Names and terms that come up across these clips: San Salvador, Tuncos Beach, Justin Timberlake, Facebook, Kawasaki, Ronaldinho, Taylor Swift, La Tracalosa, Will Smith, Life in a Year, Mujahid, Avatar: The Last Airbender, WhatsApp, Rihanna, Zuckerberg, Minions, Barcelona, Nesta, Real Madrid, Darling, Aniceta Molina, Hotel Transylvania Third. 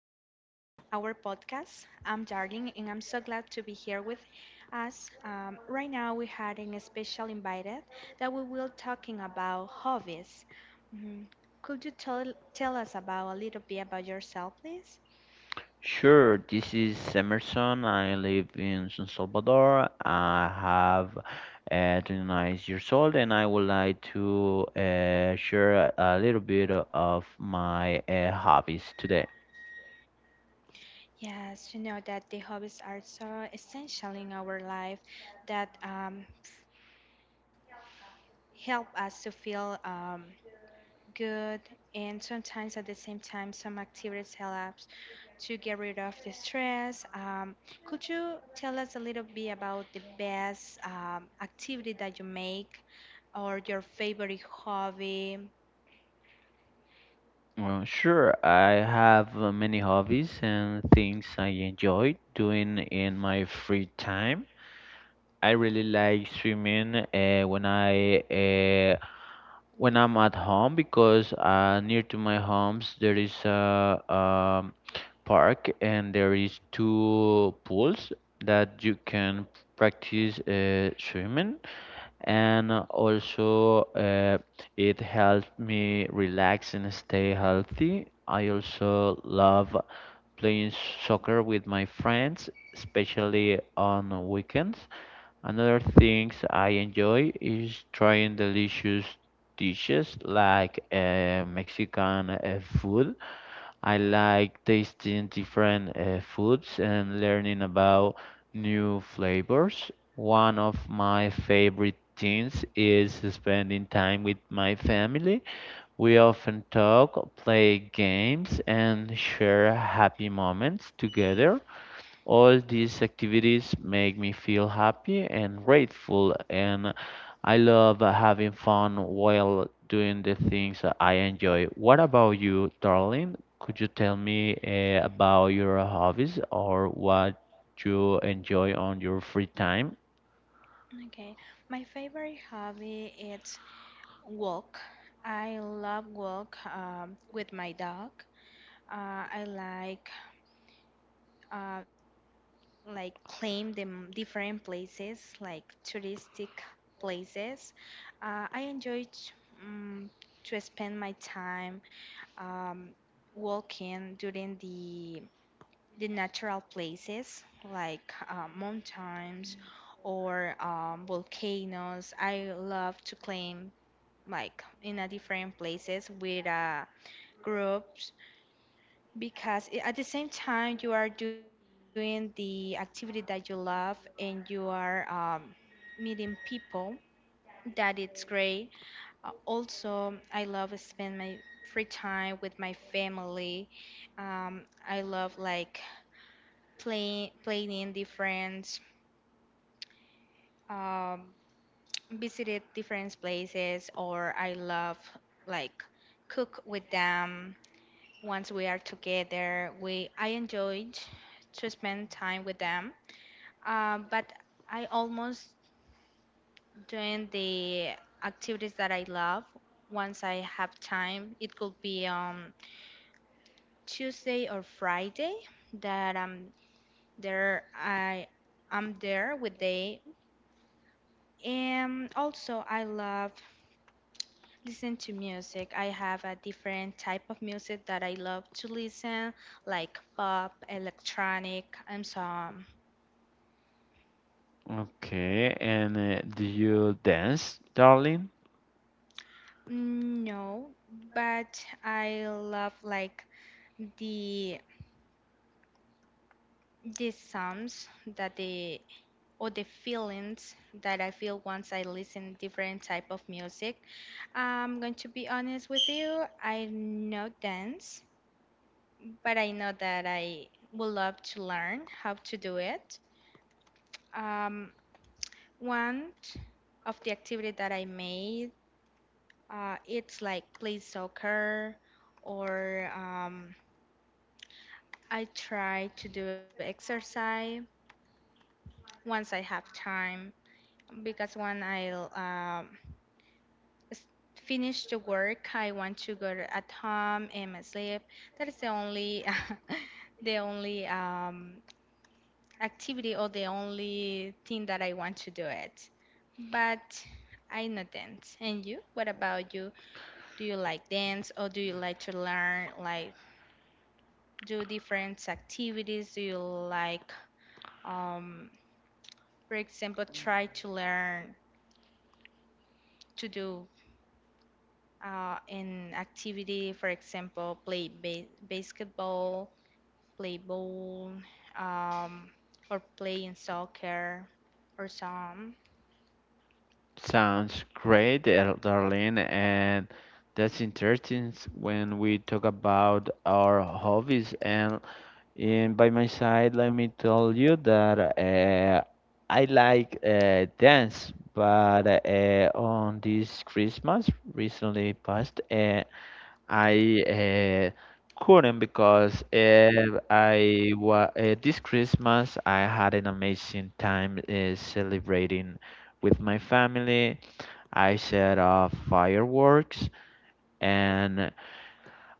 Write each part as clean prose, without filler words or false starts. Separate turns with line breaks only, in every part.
podcast. I'm Darling, and I'm so glad to be here with us. Right now, we had a special invited that we will talking about hobbies. Mm, Could you tell us about a little bit about yourself, please?
Sure, this is Emerson. I live in San Salvador. I have 29 years old, and I would like to share a little bit of my hobbies today.
Yes, you know that the hobbies are so essential in our life that help us to feel good, and sometimes at the same time, some activities help us to get rid of the stress. Could you tell us a little bit about the best activity that you make or your favorite hobby?
Well, sure, I have many hobbies and things I enjoy doing in my free time. I really like swimming when I'm at home because near to my homes there is a park, and there is two pools that you can practice swimming, and also it helps me relax and stay healthy. I also love playing soccer with my friends, especially on weekends. Another things I enjoy is trying delicious dishes like Mexican food. I like tasting different foods and learning about new flavors. One of my favorite things is spending time with my family. We often talk, play games, and share happy moments together. All these activities make me feel happy and grateful, and I love having fun while doing the things that I enjoy. What about you, darling? Could you tell me about your hobbies or what you enjoy on your free time?
Okay, my favorite hobby is walk. I love walk with my dog. I uh, like claim the different places, like touristic places. I enjoy um, to spend my time um, walking during the natural places like mountains or volcanoes. I love to climb like in a different places with groups because at the same time you are doing the activity that you love and you are meeting people that it's great also, I love spend my free time with my family. I love like playing in different um, visited different places, or I love like cook with them. Once we are together, we I enjoyed to spend time with them. But I almost doing the activities that I love once I have time. It could be Tuesday or Friday that I'm there. I'm there with they. And also, I love listen to music. I have a different type of music that I love to listen, like pop, electronic, and some.
Okay, and do you dance, darling?
No, but I love like the the songs that the or the feelings that I feel once I listen different type of music. I'm going to be honest with you. I know dance, but I know that I would love to learn how to do it. Um, One of the activity that I made, it's like play soccer, or I try to do exercise once I have time because when I um s- finish the work. I want to go at home and sleep. That is the only the only activity or the only thing that I want to do it. But I not dance. And you? What about you? Do you like dance or do you like to learn like do different activities? Do you like um, for example try to learn to do an activity, for example, play basketball play ball, um, or playing soccer or some.
Sounds great, Darlene. And that's interesting when we talk about our hobbies. And by my side, let me tell you that I like dance, but on this Christmas recently past, I couldn't because I wa this Christmas I had an amazing time celebrating with my family. I set off fireworks, and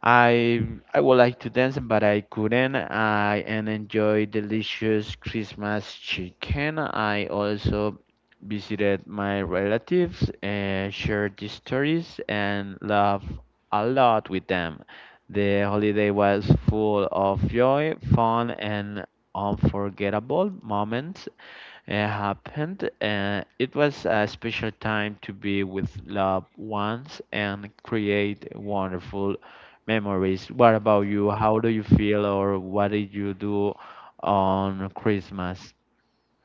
I I would like to dance, but I couldn't. I and enjoy delicious Christmas chicken. I also visited my relatives and shared the stories and laughed a lot with them. The holiday was full of joy, fun, and unforgettable moments happened. It was a special time to be with loved ones and create wonderful memories. What about you? How do you feel, or what did you do on Christmas?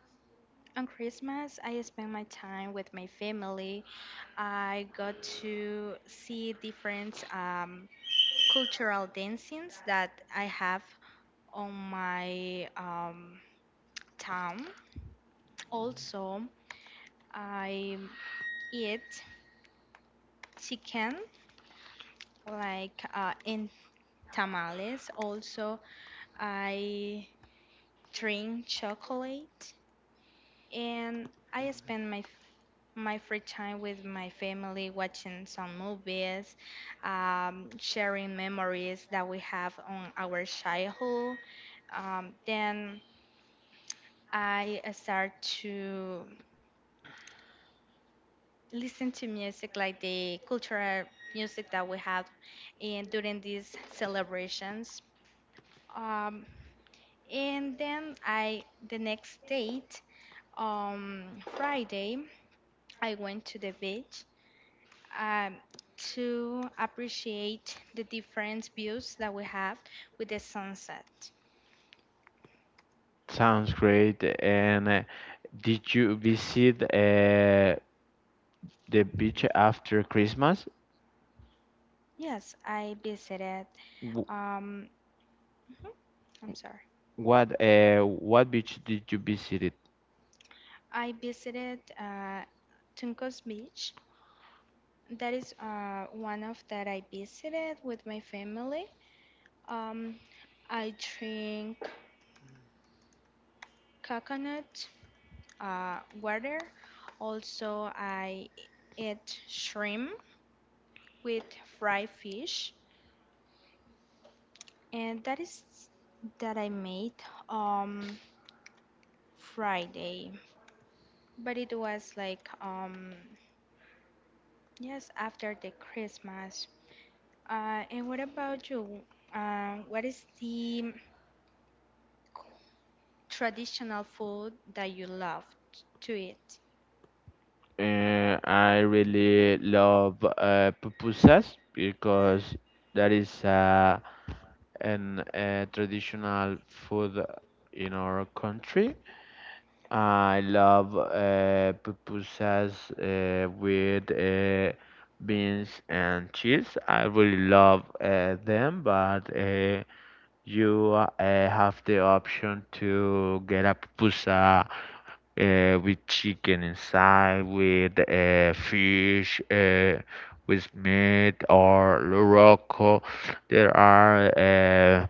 On Christmas, I spend my time with my family. I got to see different cultural dancings that I have on my town. Also, I eat chicken like in tamales. Also, I drink chocolate and I spend my my free time with my family, watching some movies, sharing memories that we have on our childhood. Then I start to listen to music like the cultural music that we have and during these celebrations. Um, and then I the next date um Friday I went to the beach um, to appreciate the different views that we have with the sunset.
Sounds great. And did you visit the beach after Christmas?
Yes, I visited.
Wh-
Um, mhm, I'm sorry.
what beach did you visit it?
I visited Tuncos Beach. That is one of that I visited with my family. Um, I drink coconut water. Also, I eat shrimp with fried fish. And that is that I made um Friday. But it was like yes after the Christmas. And what about you? What is the traditional food that you love to eat?
I really love pupusas because that is an traditional food in our country. I love pupusas with beans and cheese. I really love them, but you have the option to get a pupusa with chicken inside, with fish, with meat or loroco. There are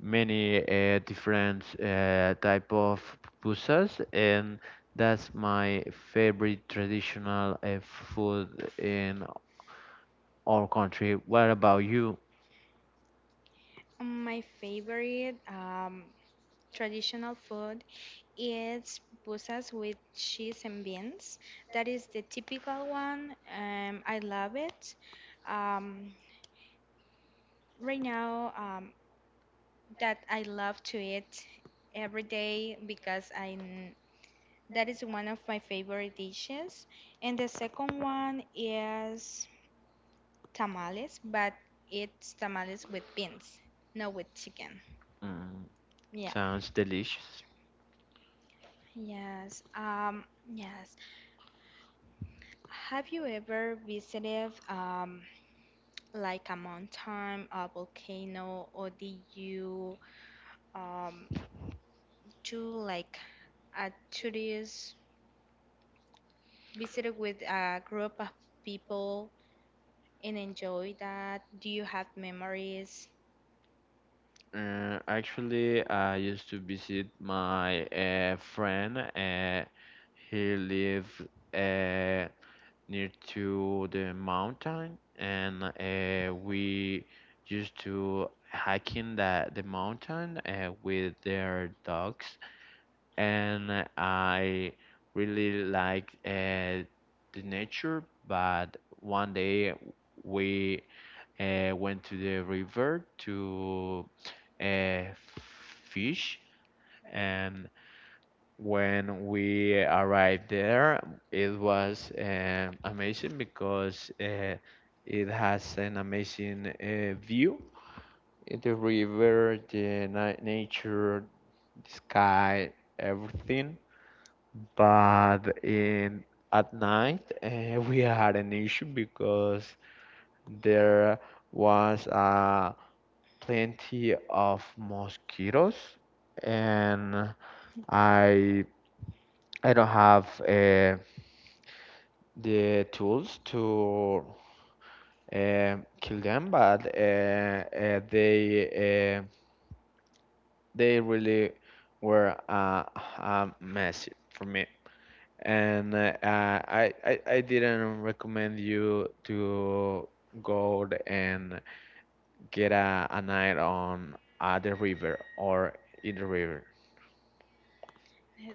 many different type of pupusas, and that's my favorite traditional food in our country. What about you?
My favorite traditional food is busas with cheese and beans. That is the typical one. I love it. Um, Right now, that I love to eat every day because I that is one of my favorite dishes. And the second one is tamales, but it's tamales with beans, not with chicken.
Mm,
Yeah.
sounds delicious.
Yes. Yes. Have you ever visited like a mountain, a volcano, or did you um, do like a tourist visit with a group of people and enjoy that? Do you have memories?
Actually, I used to visit my friend. He lives uh, near to the mountain, and we used to hiking the mountain with their dogs, and I really like the nature. But one day we went to the river to uh, fish, and when we arrived there, it was amazing because it has an amazing view. The river, the na nature, the sky, everything. But in at night, we had an issue because there was plenty of mosquitoes, and I I don't have a the tools to kill them. But they really were messy for me, and I didn't recommend you to go and get a night on the river or in the river.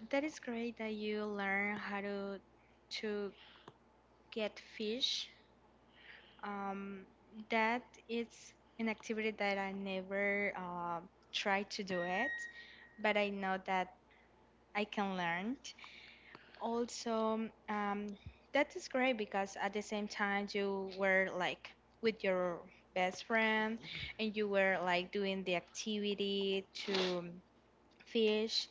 That is great that you learn how to to get fish. Um, that is an activity that I never tried to do it, but I know that I can learn. Also, um that is great because at the same time you were like with your best friend and you were like doing the activity to fish,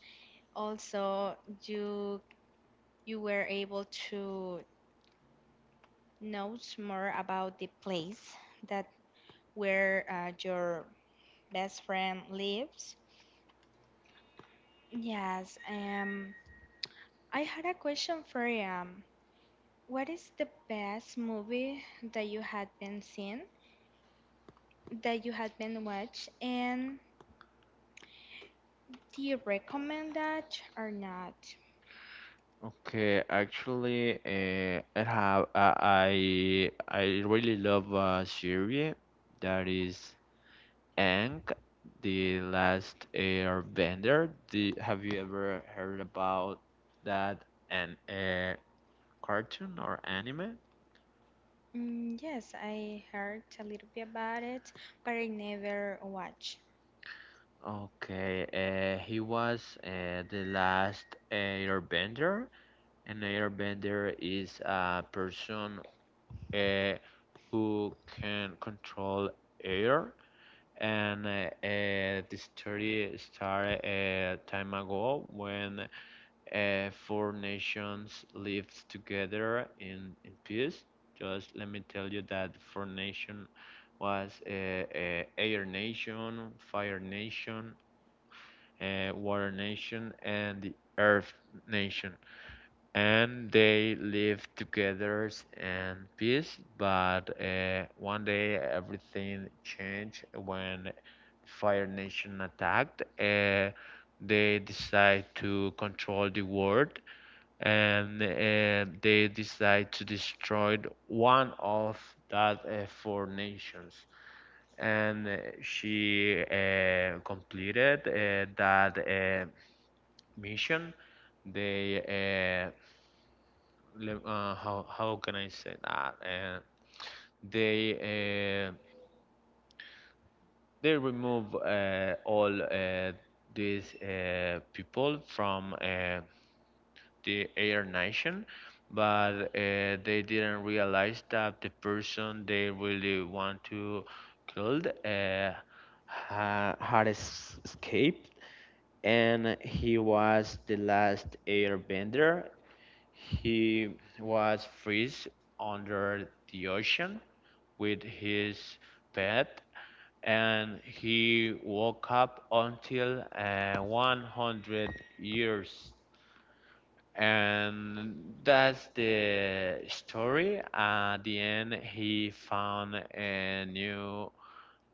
also you you were able to know more about the place that where your best friend lives. Yes, I had a question for you. What is the best movie that you had been seeing that you had been watched, and do you recommend that or not?
Okay, actually, I have I really love a series that is And the last Airbender. Have you ever heard about that an cartoon or anime?
Yes, I heard a little bit about it, but I never watched.
Okay, he was the last Airbender. An Airbender is a person uh, who can control air. And the story started a time ago when four nations lived together in peace. Just let me tell you that four nation was air nation, fire nation, water nation, and the earth nation. And they lived together in peace. But one day everything changed when fire nation attacked. They decide to control the world, and they decide to destroy one of that four nations. And she completed that mission. They uh, how can I say that? They uh, they remove all these people from the air nation, but they didn't realize that the person they really want to kill had escaped, and he was the last airbender. He was freeze under the ocean with his pet, and he woke up until 100 years, and that's the story. At the end, he found a new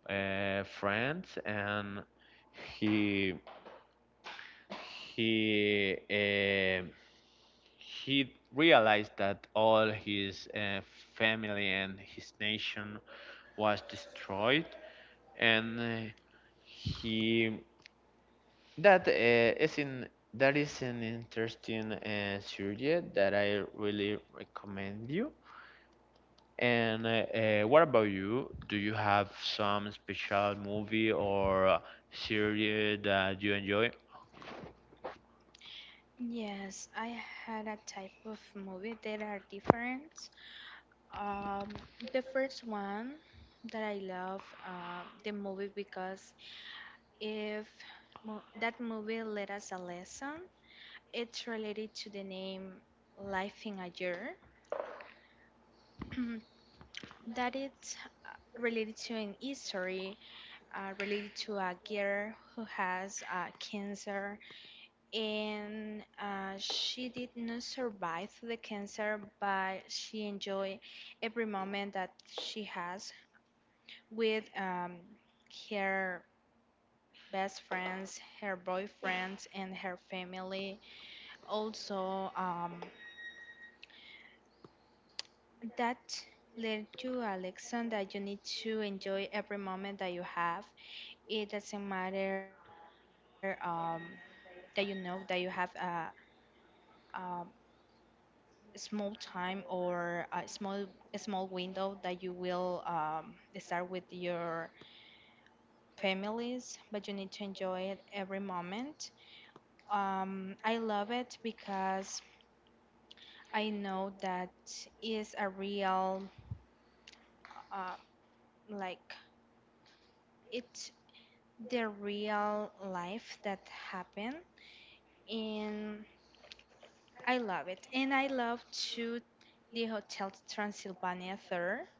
friends, and he he uh, he realized that all his family and his nation was destroyed, and he That is in that is an interesting subject that I really recommend you. And what about you? Do you have some special movie or series that you enjoy?
Yes, I had a type of movie that are different. Um, the first one that I love the movie because if that movie let us a lesson, it's related to the name Life in a Year. That it's uh, related to an history, related to a girl who has cancer, and she did not survive the cancer, but she enjoyed every moment that she has with her best friends, her boyfriends, and her family. Also, that led to a lesson that you need to enjoy every moment that you have. It doesn't matter that you know that you have a small time or a small window that you will start with your families, but you need to enjoy it every moment. I love it because I know that is a real uh, like it's the real life that happened and I love it. And I love too the Hotel Transylvania Third.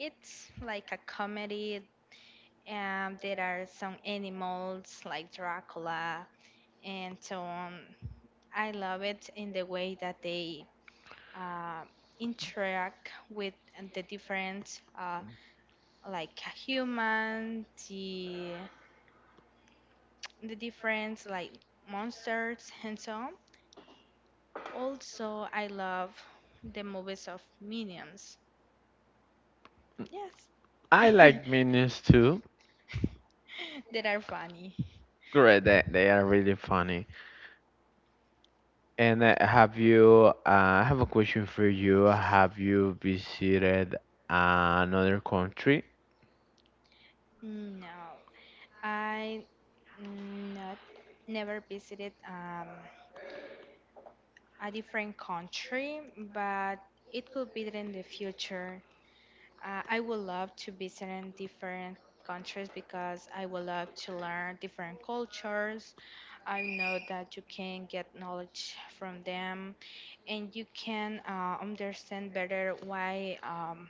It's like a comedy. There are some animals like Dracula and so on. I love it in the way that they uh, interact with the different like human, the different like monsters and so on. Also, I love the movies of Minions. Yes.
I like Minions too.
That are funny.
Great, they are really funny. And have you? I have a question for you. Have you visited another country?
No, I not never visited a different country, but it could be that in the future. I would love to visit in different countries because I would love to learn different cultures. I know that you can get knowledge from them and you can understand better why.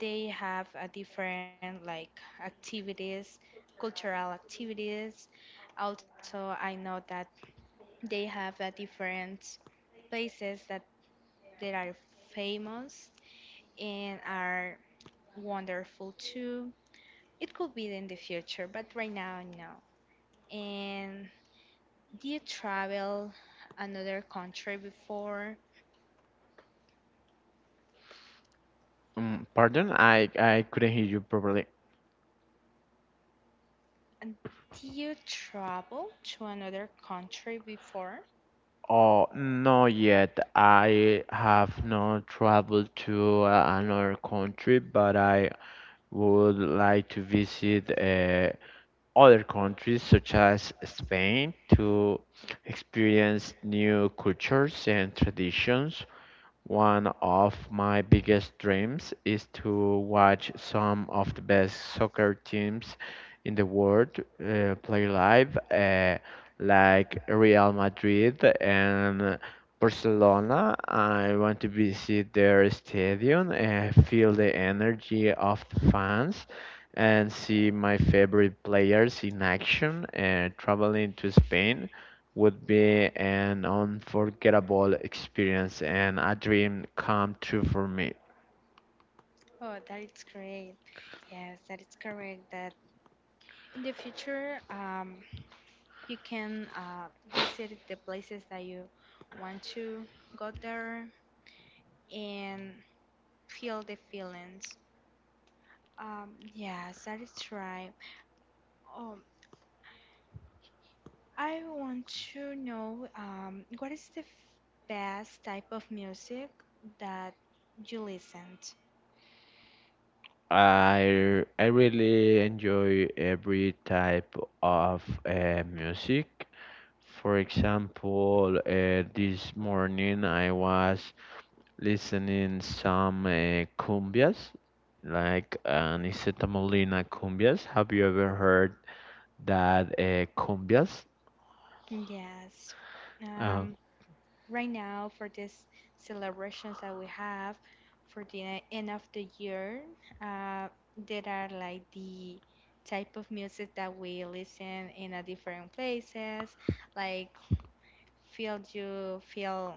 They have a different like activities cultural activities, also I know that they have a different places that that are famous and are wonderful too. It could be in the future but right now no. And do you travel another country before
Mm, pardon, I couldn't hear you properly.
and do you travel to another country before?
Oh, not yet. I have not traveled to another country, but I would like to visit other countries such as Spain to experience new cultures and traditions. One of my biggest dreams is to watch some of the best soccer teams in the world play live, like Real Madrid and Barcelona. I want to visit their stadium and feel the energy of the fans and see my favorite players in action, and traveling to Spain would be an unforgettable experience and a dream come true for me.
Oh, that is great. Yes, that is correct. That in the future, you can visit the places that you want to go there and feel the feelings. Yes, that is right. Um, I want to know what is the best type of music that you listened?
I really enjoy every type of music. For example, this morning I was listening some cumbias, like Aniceta Molina cumbias. Have you ever heard that cumbias?
Yes.
Uh,
Um, right now for these celebrations that we have for the end of the year, uh, there are like the type of music that we listen in a different places, like feel you feel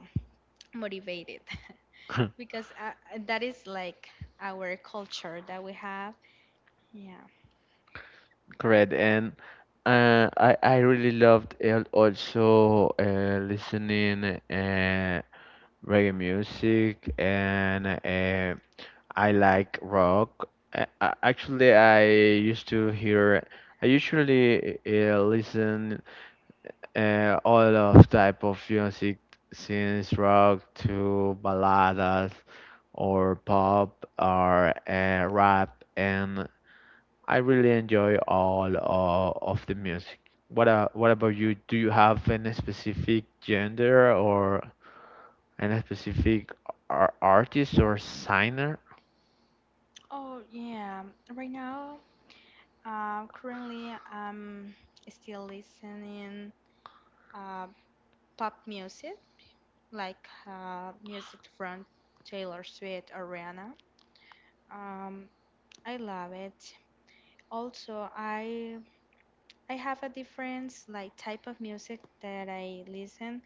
motivated because that is like our culture that we have. Yeah.
Correct, and I really loved also listening reggae music, and I like rock. Actually, I used to hear. I usually listen all of type of music, since rock to balladas, or pop, or rap, and I really enjoy all of the music. What about you? Do you have any specific gender or any specific artist or signer?
Oh yeah. Right now, currently I'm still listening uh, pop music. Like music from Taylor Swift or Rihanna. Um, I love it. Also, I have a different like type of music that I listen.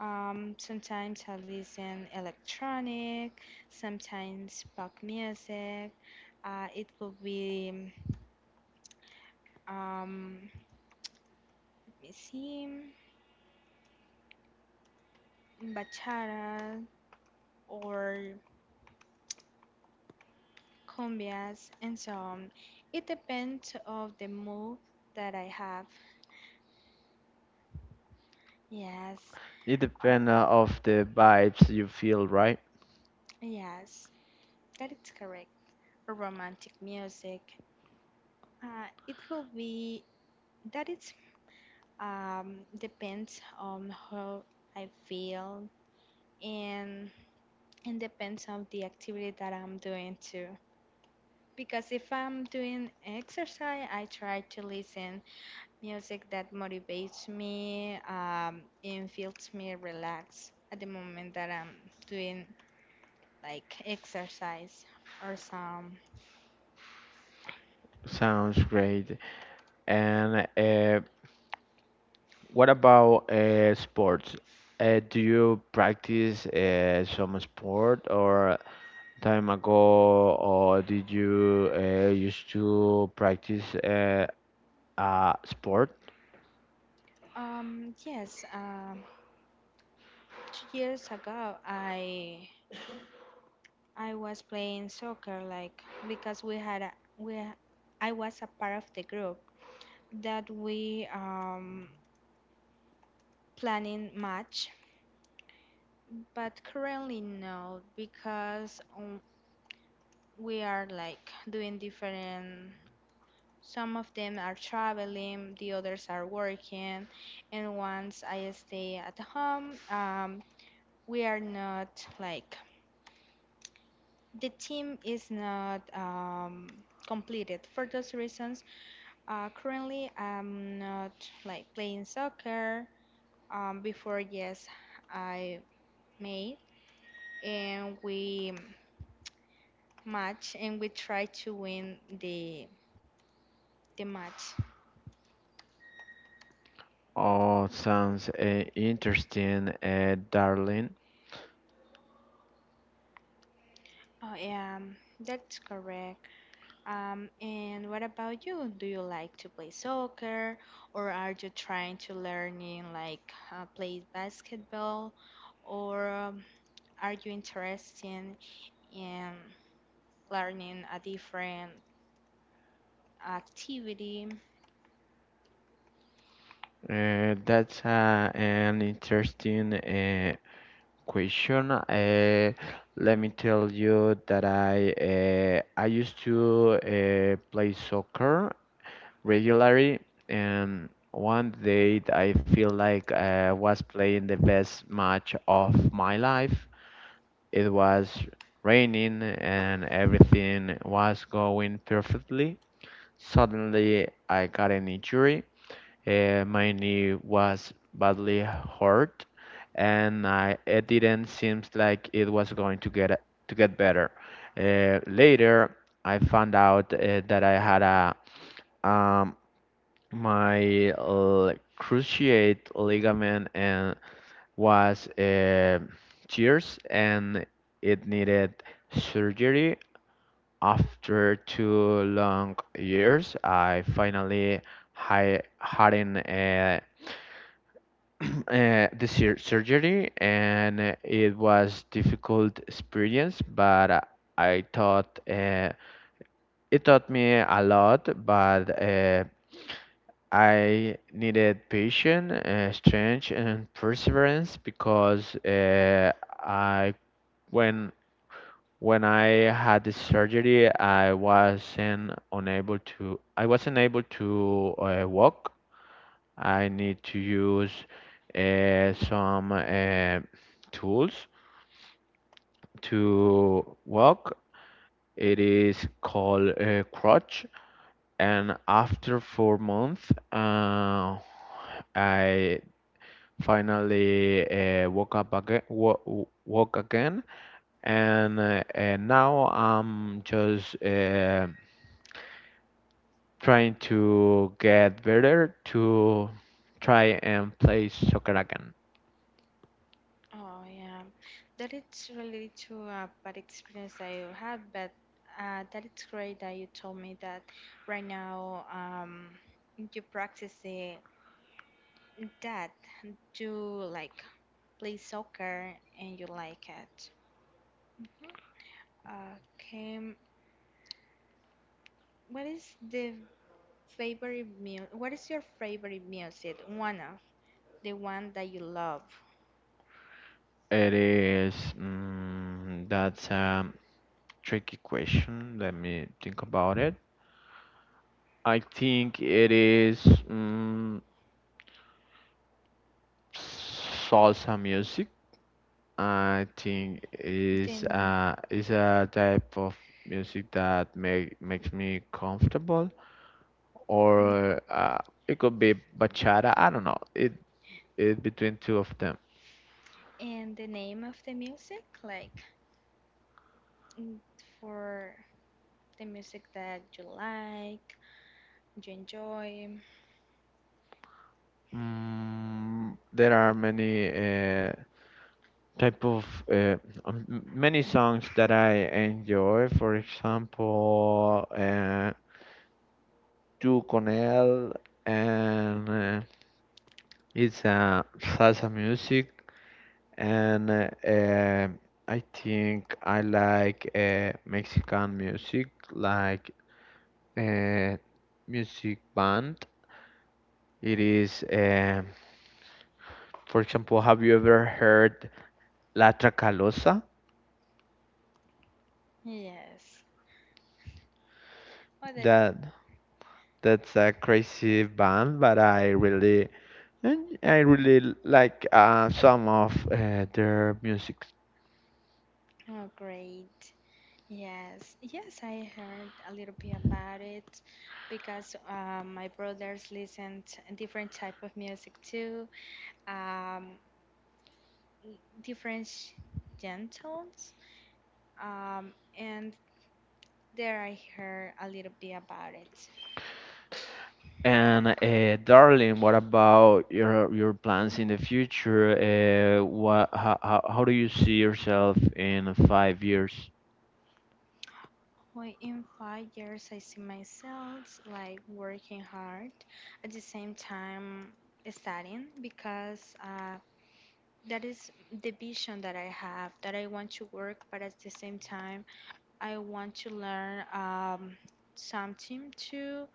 Sometimes I listen electronic, sometimes pop music. It could be um, let me see, bachata or cumbias, and so on. It depends of the mood that I have. Yes.
It
Uh,
depends of the vibes you feel, right?
Yes, that is correct. Romantic music. It could be that it depends on how I feel and and depends on the activity that I'm doing too. Because if I'm doing exercise, I try to listen music that motivates me and feels me relaxed at the moment that I'm doing like exercise or some.
Sounds great. And what about sports? Do you practice some sport or time ago, or did you used to practice sport.
Yes, 2 years ago, I was playing soccer like because we had a, we I was a part of the group that we planning match, but currently no because we are like doing different. Some of them are traveling, the others are working, and once I stay at home, we are not like the team is not completed. For those reasons currently I'm not like playing soccer. Before yes I made and we match and we try to win the match.
Oh, sounds interesting, darling.
Oh yeah, that's correct. And what about you? Do you like to play soccer, or are you trying to learn in like play basketball, or are you interested in learning a different activity?
That's an interesting question. Let me tell you that I used to play soccer regularly, and one day I feel like I was playing the best match of my life. It was raining and everything was going perfectly. Suddenly, I got an injury. My knee was badly hurt, and I it didn't seem like it was going to get better. Later, I found out that I had a um, my cruciate ligament and was tears, and it needed surgery after 2 long years. I finally had the surgery, and it was difficult experience, but I thought it taught me a lot. But I needed patience, strength, and perseverance because I when when I had the surgery, I wasn't unable to. I wasn't able to walk. I need to use some tools to walk. It is called a crutch. And after 4 months, I finally woke up again, woke again, and now I'm just trying to get better to try and play soccer again.
Oh yeah, that it's related to a bad experience that you had, but that it's great that you told me that right now, you practice, that you like play soccer and you like it. Okay. What is the What is your favorite music? One of the one that you love.
It is that's a tricky question. Let me think about it. I think it is mm, salsa music. I think is
Then
uh, is a type of music that makes me comfortable,
mm,
or it could be bachata. I don't know. It between two of them.
and the name of the music, like, mm, for the music that you like, you enjoy.
Mm, there are many type of uh, many songs that I enjoy. For example, Tu con él, and it's salsa music. And I think I like Mexican music, like uh, music band. It is. For example, have you ever heard La Tracalosa?
Yes. What a,
That that's a crazy band, but I really like some of their music.
oh, great. Yes, yes, I heard a little bit about it because my brothers listened different type of music too, um, different gen tones, um, and there I heard a little bit about it.
And darling, what about your plans in the future? What how do you see yourself in 5 years?
Well, in 5 years, I see myself like working hard at the same time studying because that is the vision that I have, that I want to work, but at the same time I want to learn something too.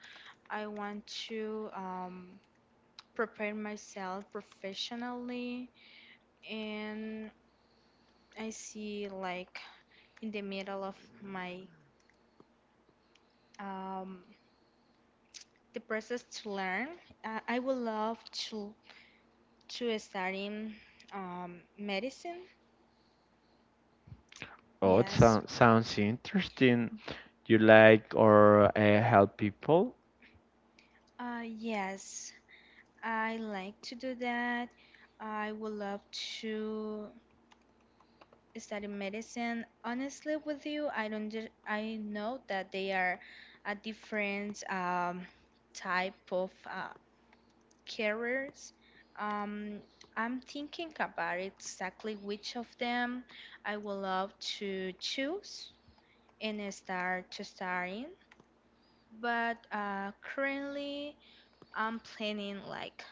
I want to prepare myself professionally, and I see like in the middle of my um, the process to learn, I would love to studying medicine.
Oh, it
Yes.
sounds interesting. You like or help people?
Yes, I like to do that. I would love to study medicine. Honestly, with you, I don't. I know that they are a different type of careers. Um, I'm thinking about exactly which of them I would love to choose and start in. But currently, I'm planning like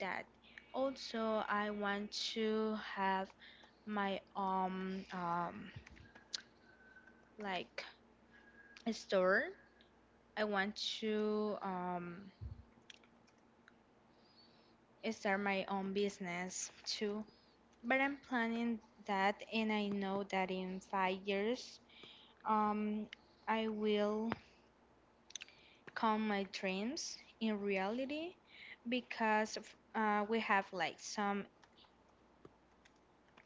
that. Also, I want to have my own, like, store. I want to start my own business too, but I'm planning that, and I know that in 5 years, um, I will come my dreams in reality because we have like some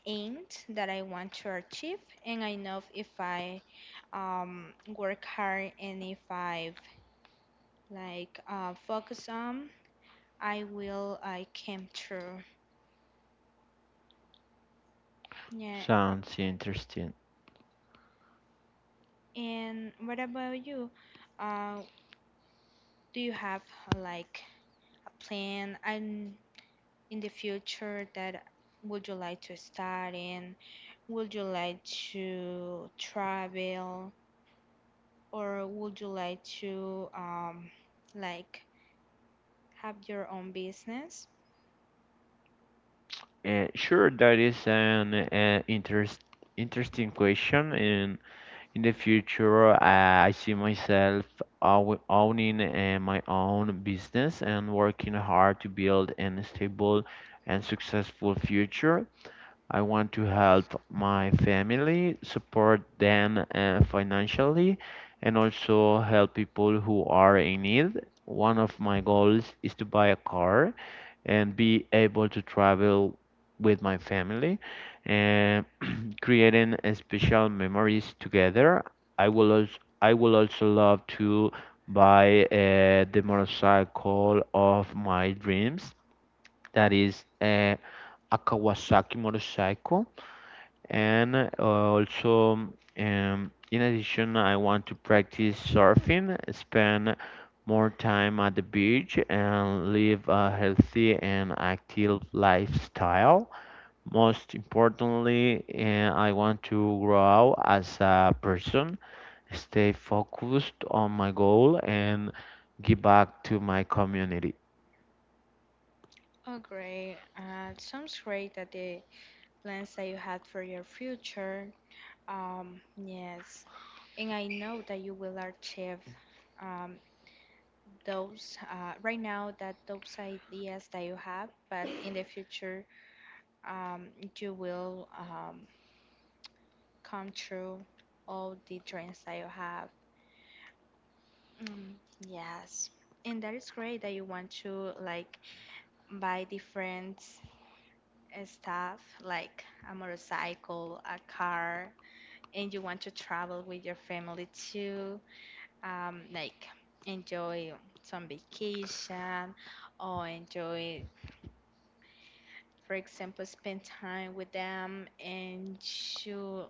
aims that I want to achieve, and I know if I um, work hard and if I like focus on, I came true. Yeah.
Sounds interesting.
And what about you? Uh, do you have like a plan and in the future that would you like to start in? Would you like to travel or would you like to like have your own business?
Sure, that is an interesting question. And in the future, I see myself owning my own business and working hard to build an stable and successful future. I want to help my family, support them financially, and also help people who are in need. One of my goals is to buy a car and be able to travel with my family and creating a special memories together. I will also love to buy the motorcycle of my dreams. That is a Kawasaki motorcycle, and in addition, I want to practice surfing, spend more time at the beach, and live a healthy and active lifestyle. Most importantly, I want to grow as a person, stay focused on my goal, and give back to my community.
Oh, great. Sounds great that the plans that you had for your future. Yes. And I know that you will achieve um, those, right now, that those ideas that you have, but in the future um, you will come true all the dreams that you have. Mm, yes, and that is great that you want to like buy different stuff like a motorcycle, a car, and you want to travel with your family too, like enjoy some vacation or enjoy, for example, spend time with them and you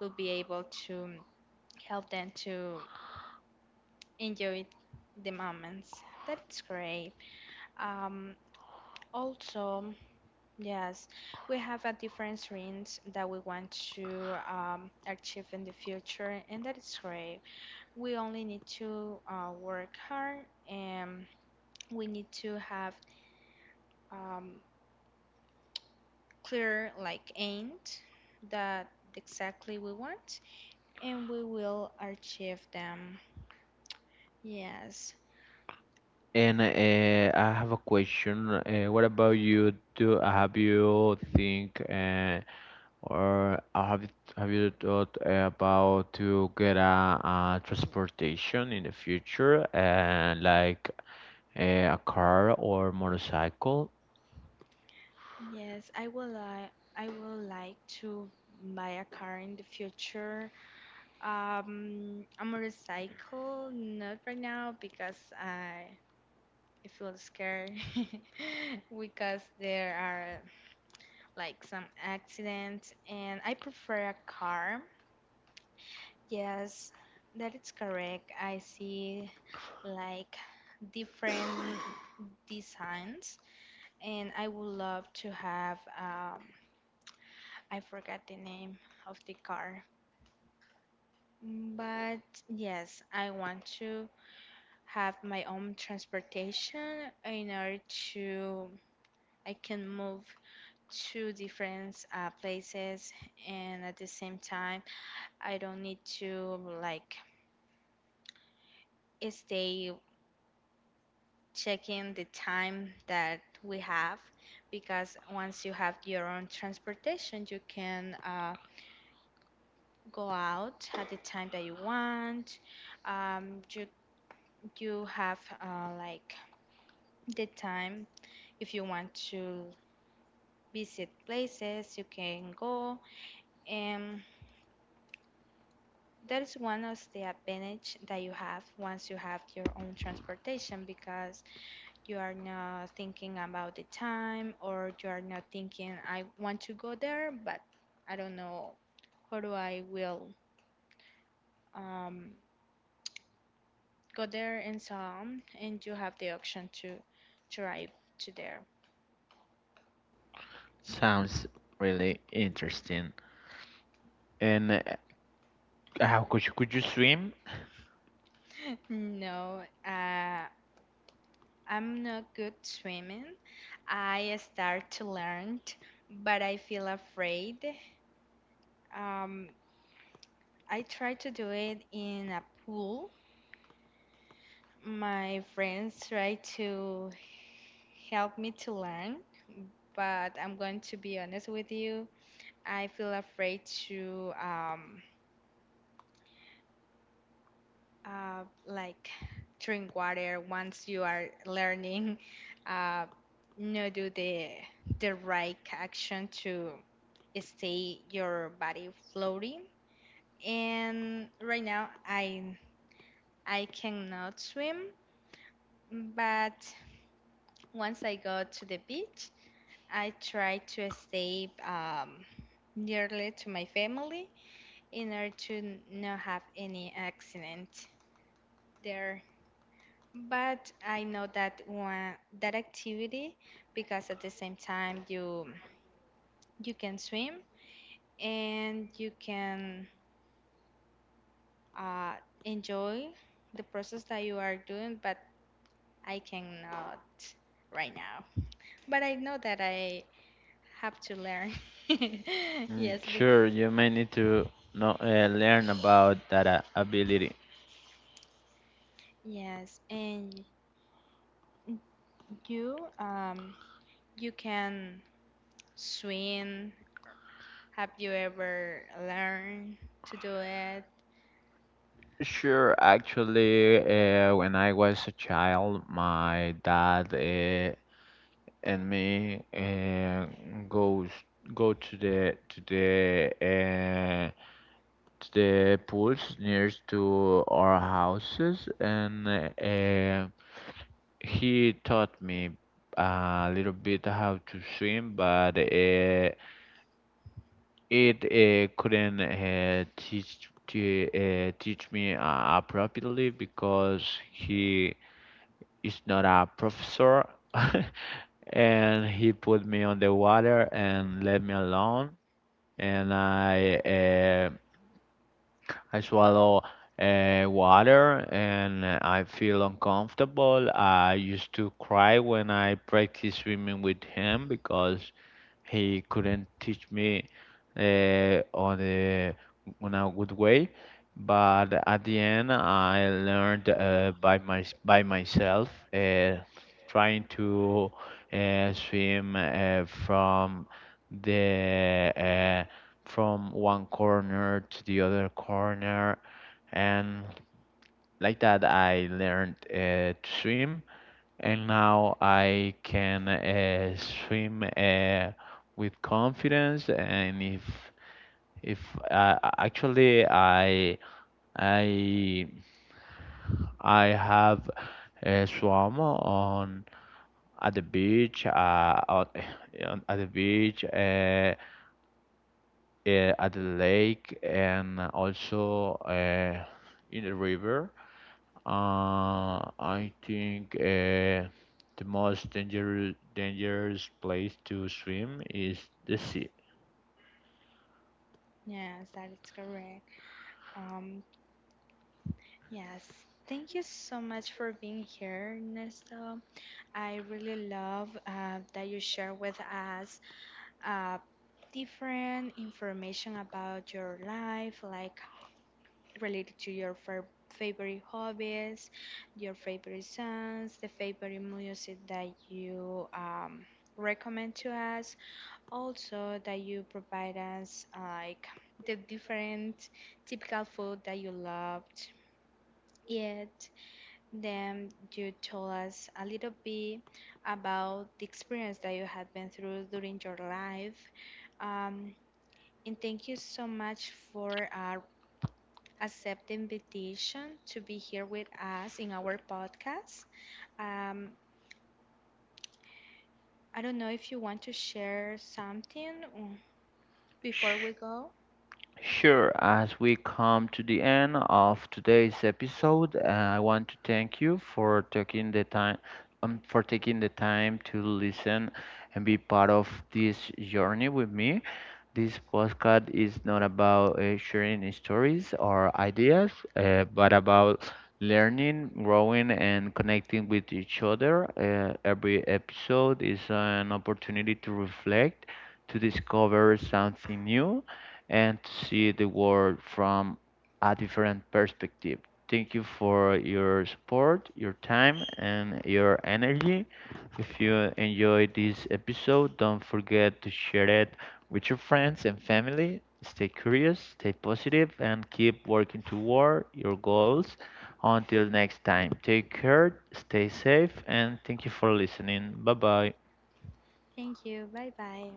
will be able to help them to enjoy the moments. That's great. Um, also, yes, we have a different dreams that we want to achieve in the future, and that is great. We only need to work hard and we need to have um, clear like aimed that exactly we want and we will achieve them. Yes,
And I have a question. What about you? Do have you think? Or have you thought about to get a transportation in the future, and like a car or motorcycle?
yes, I will like to buy a car in the future. A motorcycle, not right now because I feel scared because there are like some accidents, and I prefer a car. Yes, that is correct. I see like different designs and I would love to have, I forgot the name of the car. But yes, I want to have my own transportation in order to I can move to different places and at the same time I don't need to like stay checking the time that we have, because once you have your own transportation you can go out at the time that you want. Um, you you have, like, the time. If you want to visit places, you can go, and that is one of the advantage that you have once you have your own transportation, because you are not thinking about the time or you are not thinking I want to go there, but I don't know how do I will um, go there and some, and you have the option to drive to there.
Sounds really interesting. And how could you swim?
No, I'm not good swimming. I start to learn, but I feel afraid. Um, I try to do it in a pool. My friends try to help me to learn, but I'm going to be honest with you. I feel afraid to like drink water once you are learning, uh, no do the right action to stay your body floating, and right now I cannot swim. But once I go to the beach I try to stay, nearly to my family in order to not have any accident there. But I know that one, that activity, because at the same time you can swim and you can uh, enjoy the process that you are doing, but I cannot right now. But I know that I have to learn.
Mm,
Yes, bec
sure, you may need to know, learn about that ability.
yes, and you, you can swim. Have you ever learned to do it?
Sure, actually, when I was a child, my dad and me goes go to the to the uh, to the pools nearest to our houses. And he taught me a little bit how to swim, but it couldn't teach me properly because he is not a professor and he put me on the water and let me alone. And I swallow water, and I feel uncomfortable. I used to cry when I practice swimming with him because he couldn't teach me on on a good way. But at the end, I learned by myself, uh, trying to swim the uh, from one corner to the other corner, and like that, I learned to swim, and now I can swim with confidence. And if actually I I have swam on at the beach, at the beach, at the lake, and also in the river. I think the most dangerous place to swim is the sea.
Yes, that is correct. Um, yes, thank you so much for being here, Nesta. I really love that you share with us uh, different information about your life, like related to your favorite hobbies, your favorite songs, the favorite music that you recommend to us. Also, that you provide us like the different typical food that you loved it. Then you told us a little bit about the experience that you had been through during your life. Um, and thank you so much for accepting the invitation to be here with us in our podcast. Um, I don't know if you want to share something, before we go.
Sure, as we come to the end of today's episode, I want to thank you for taking the time to listen and be part of this journey with me. This podcast is not about sharing stories or ideas, but about learning, growing, and connecting with each other. Every episode is an opportunity to reflect, to discover something new, and see the world from a different perspective. Thank you for your support, your time, and your energy. If you enjoyed this episode, don't forget to share it with your friends and family. Stay curious, stay positive, and keep working toward your goals. Until next time, take care, stay safe, and thank you for listening. Bye bye.
Thank you. Bye bye.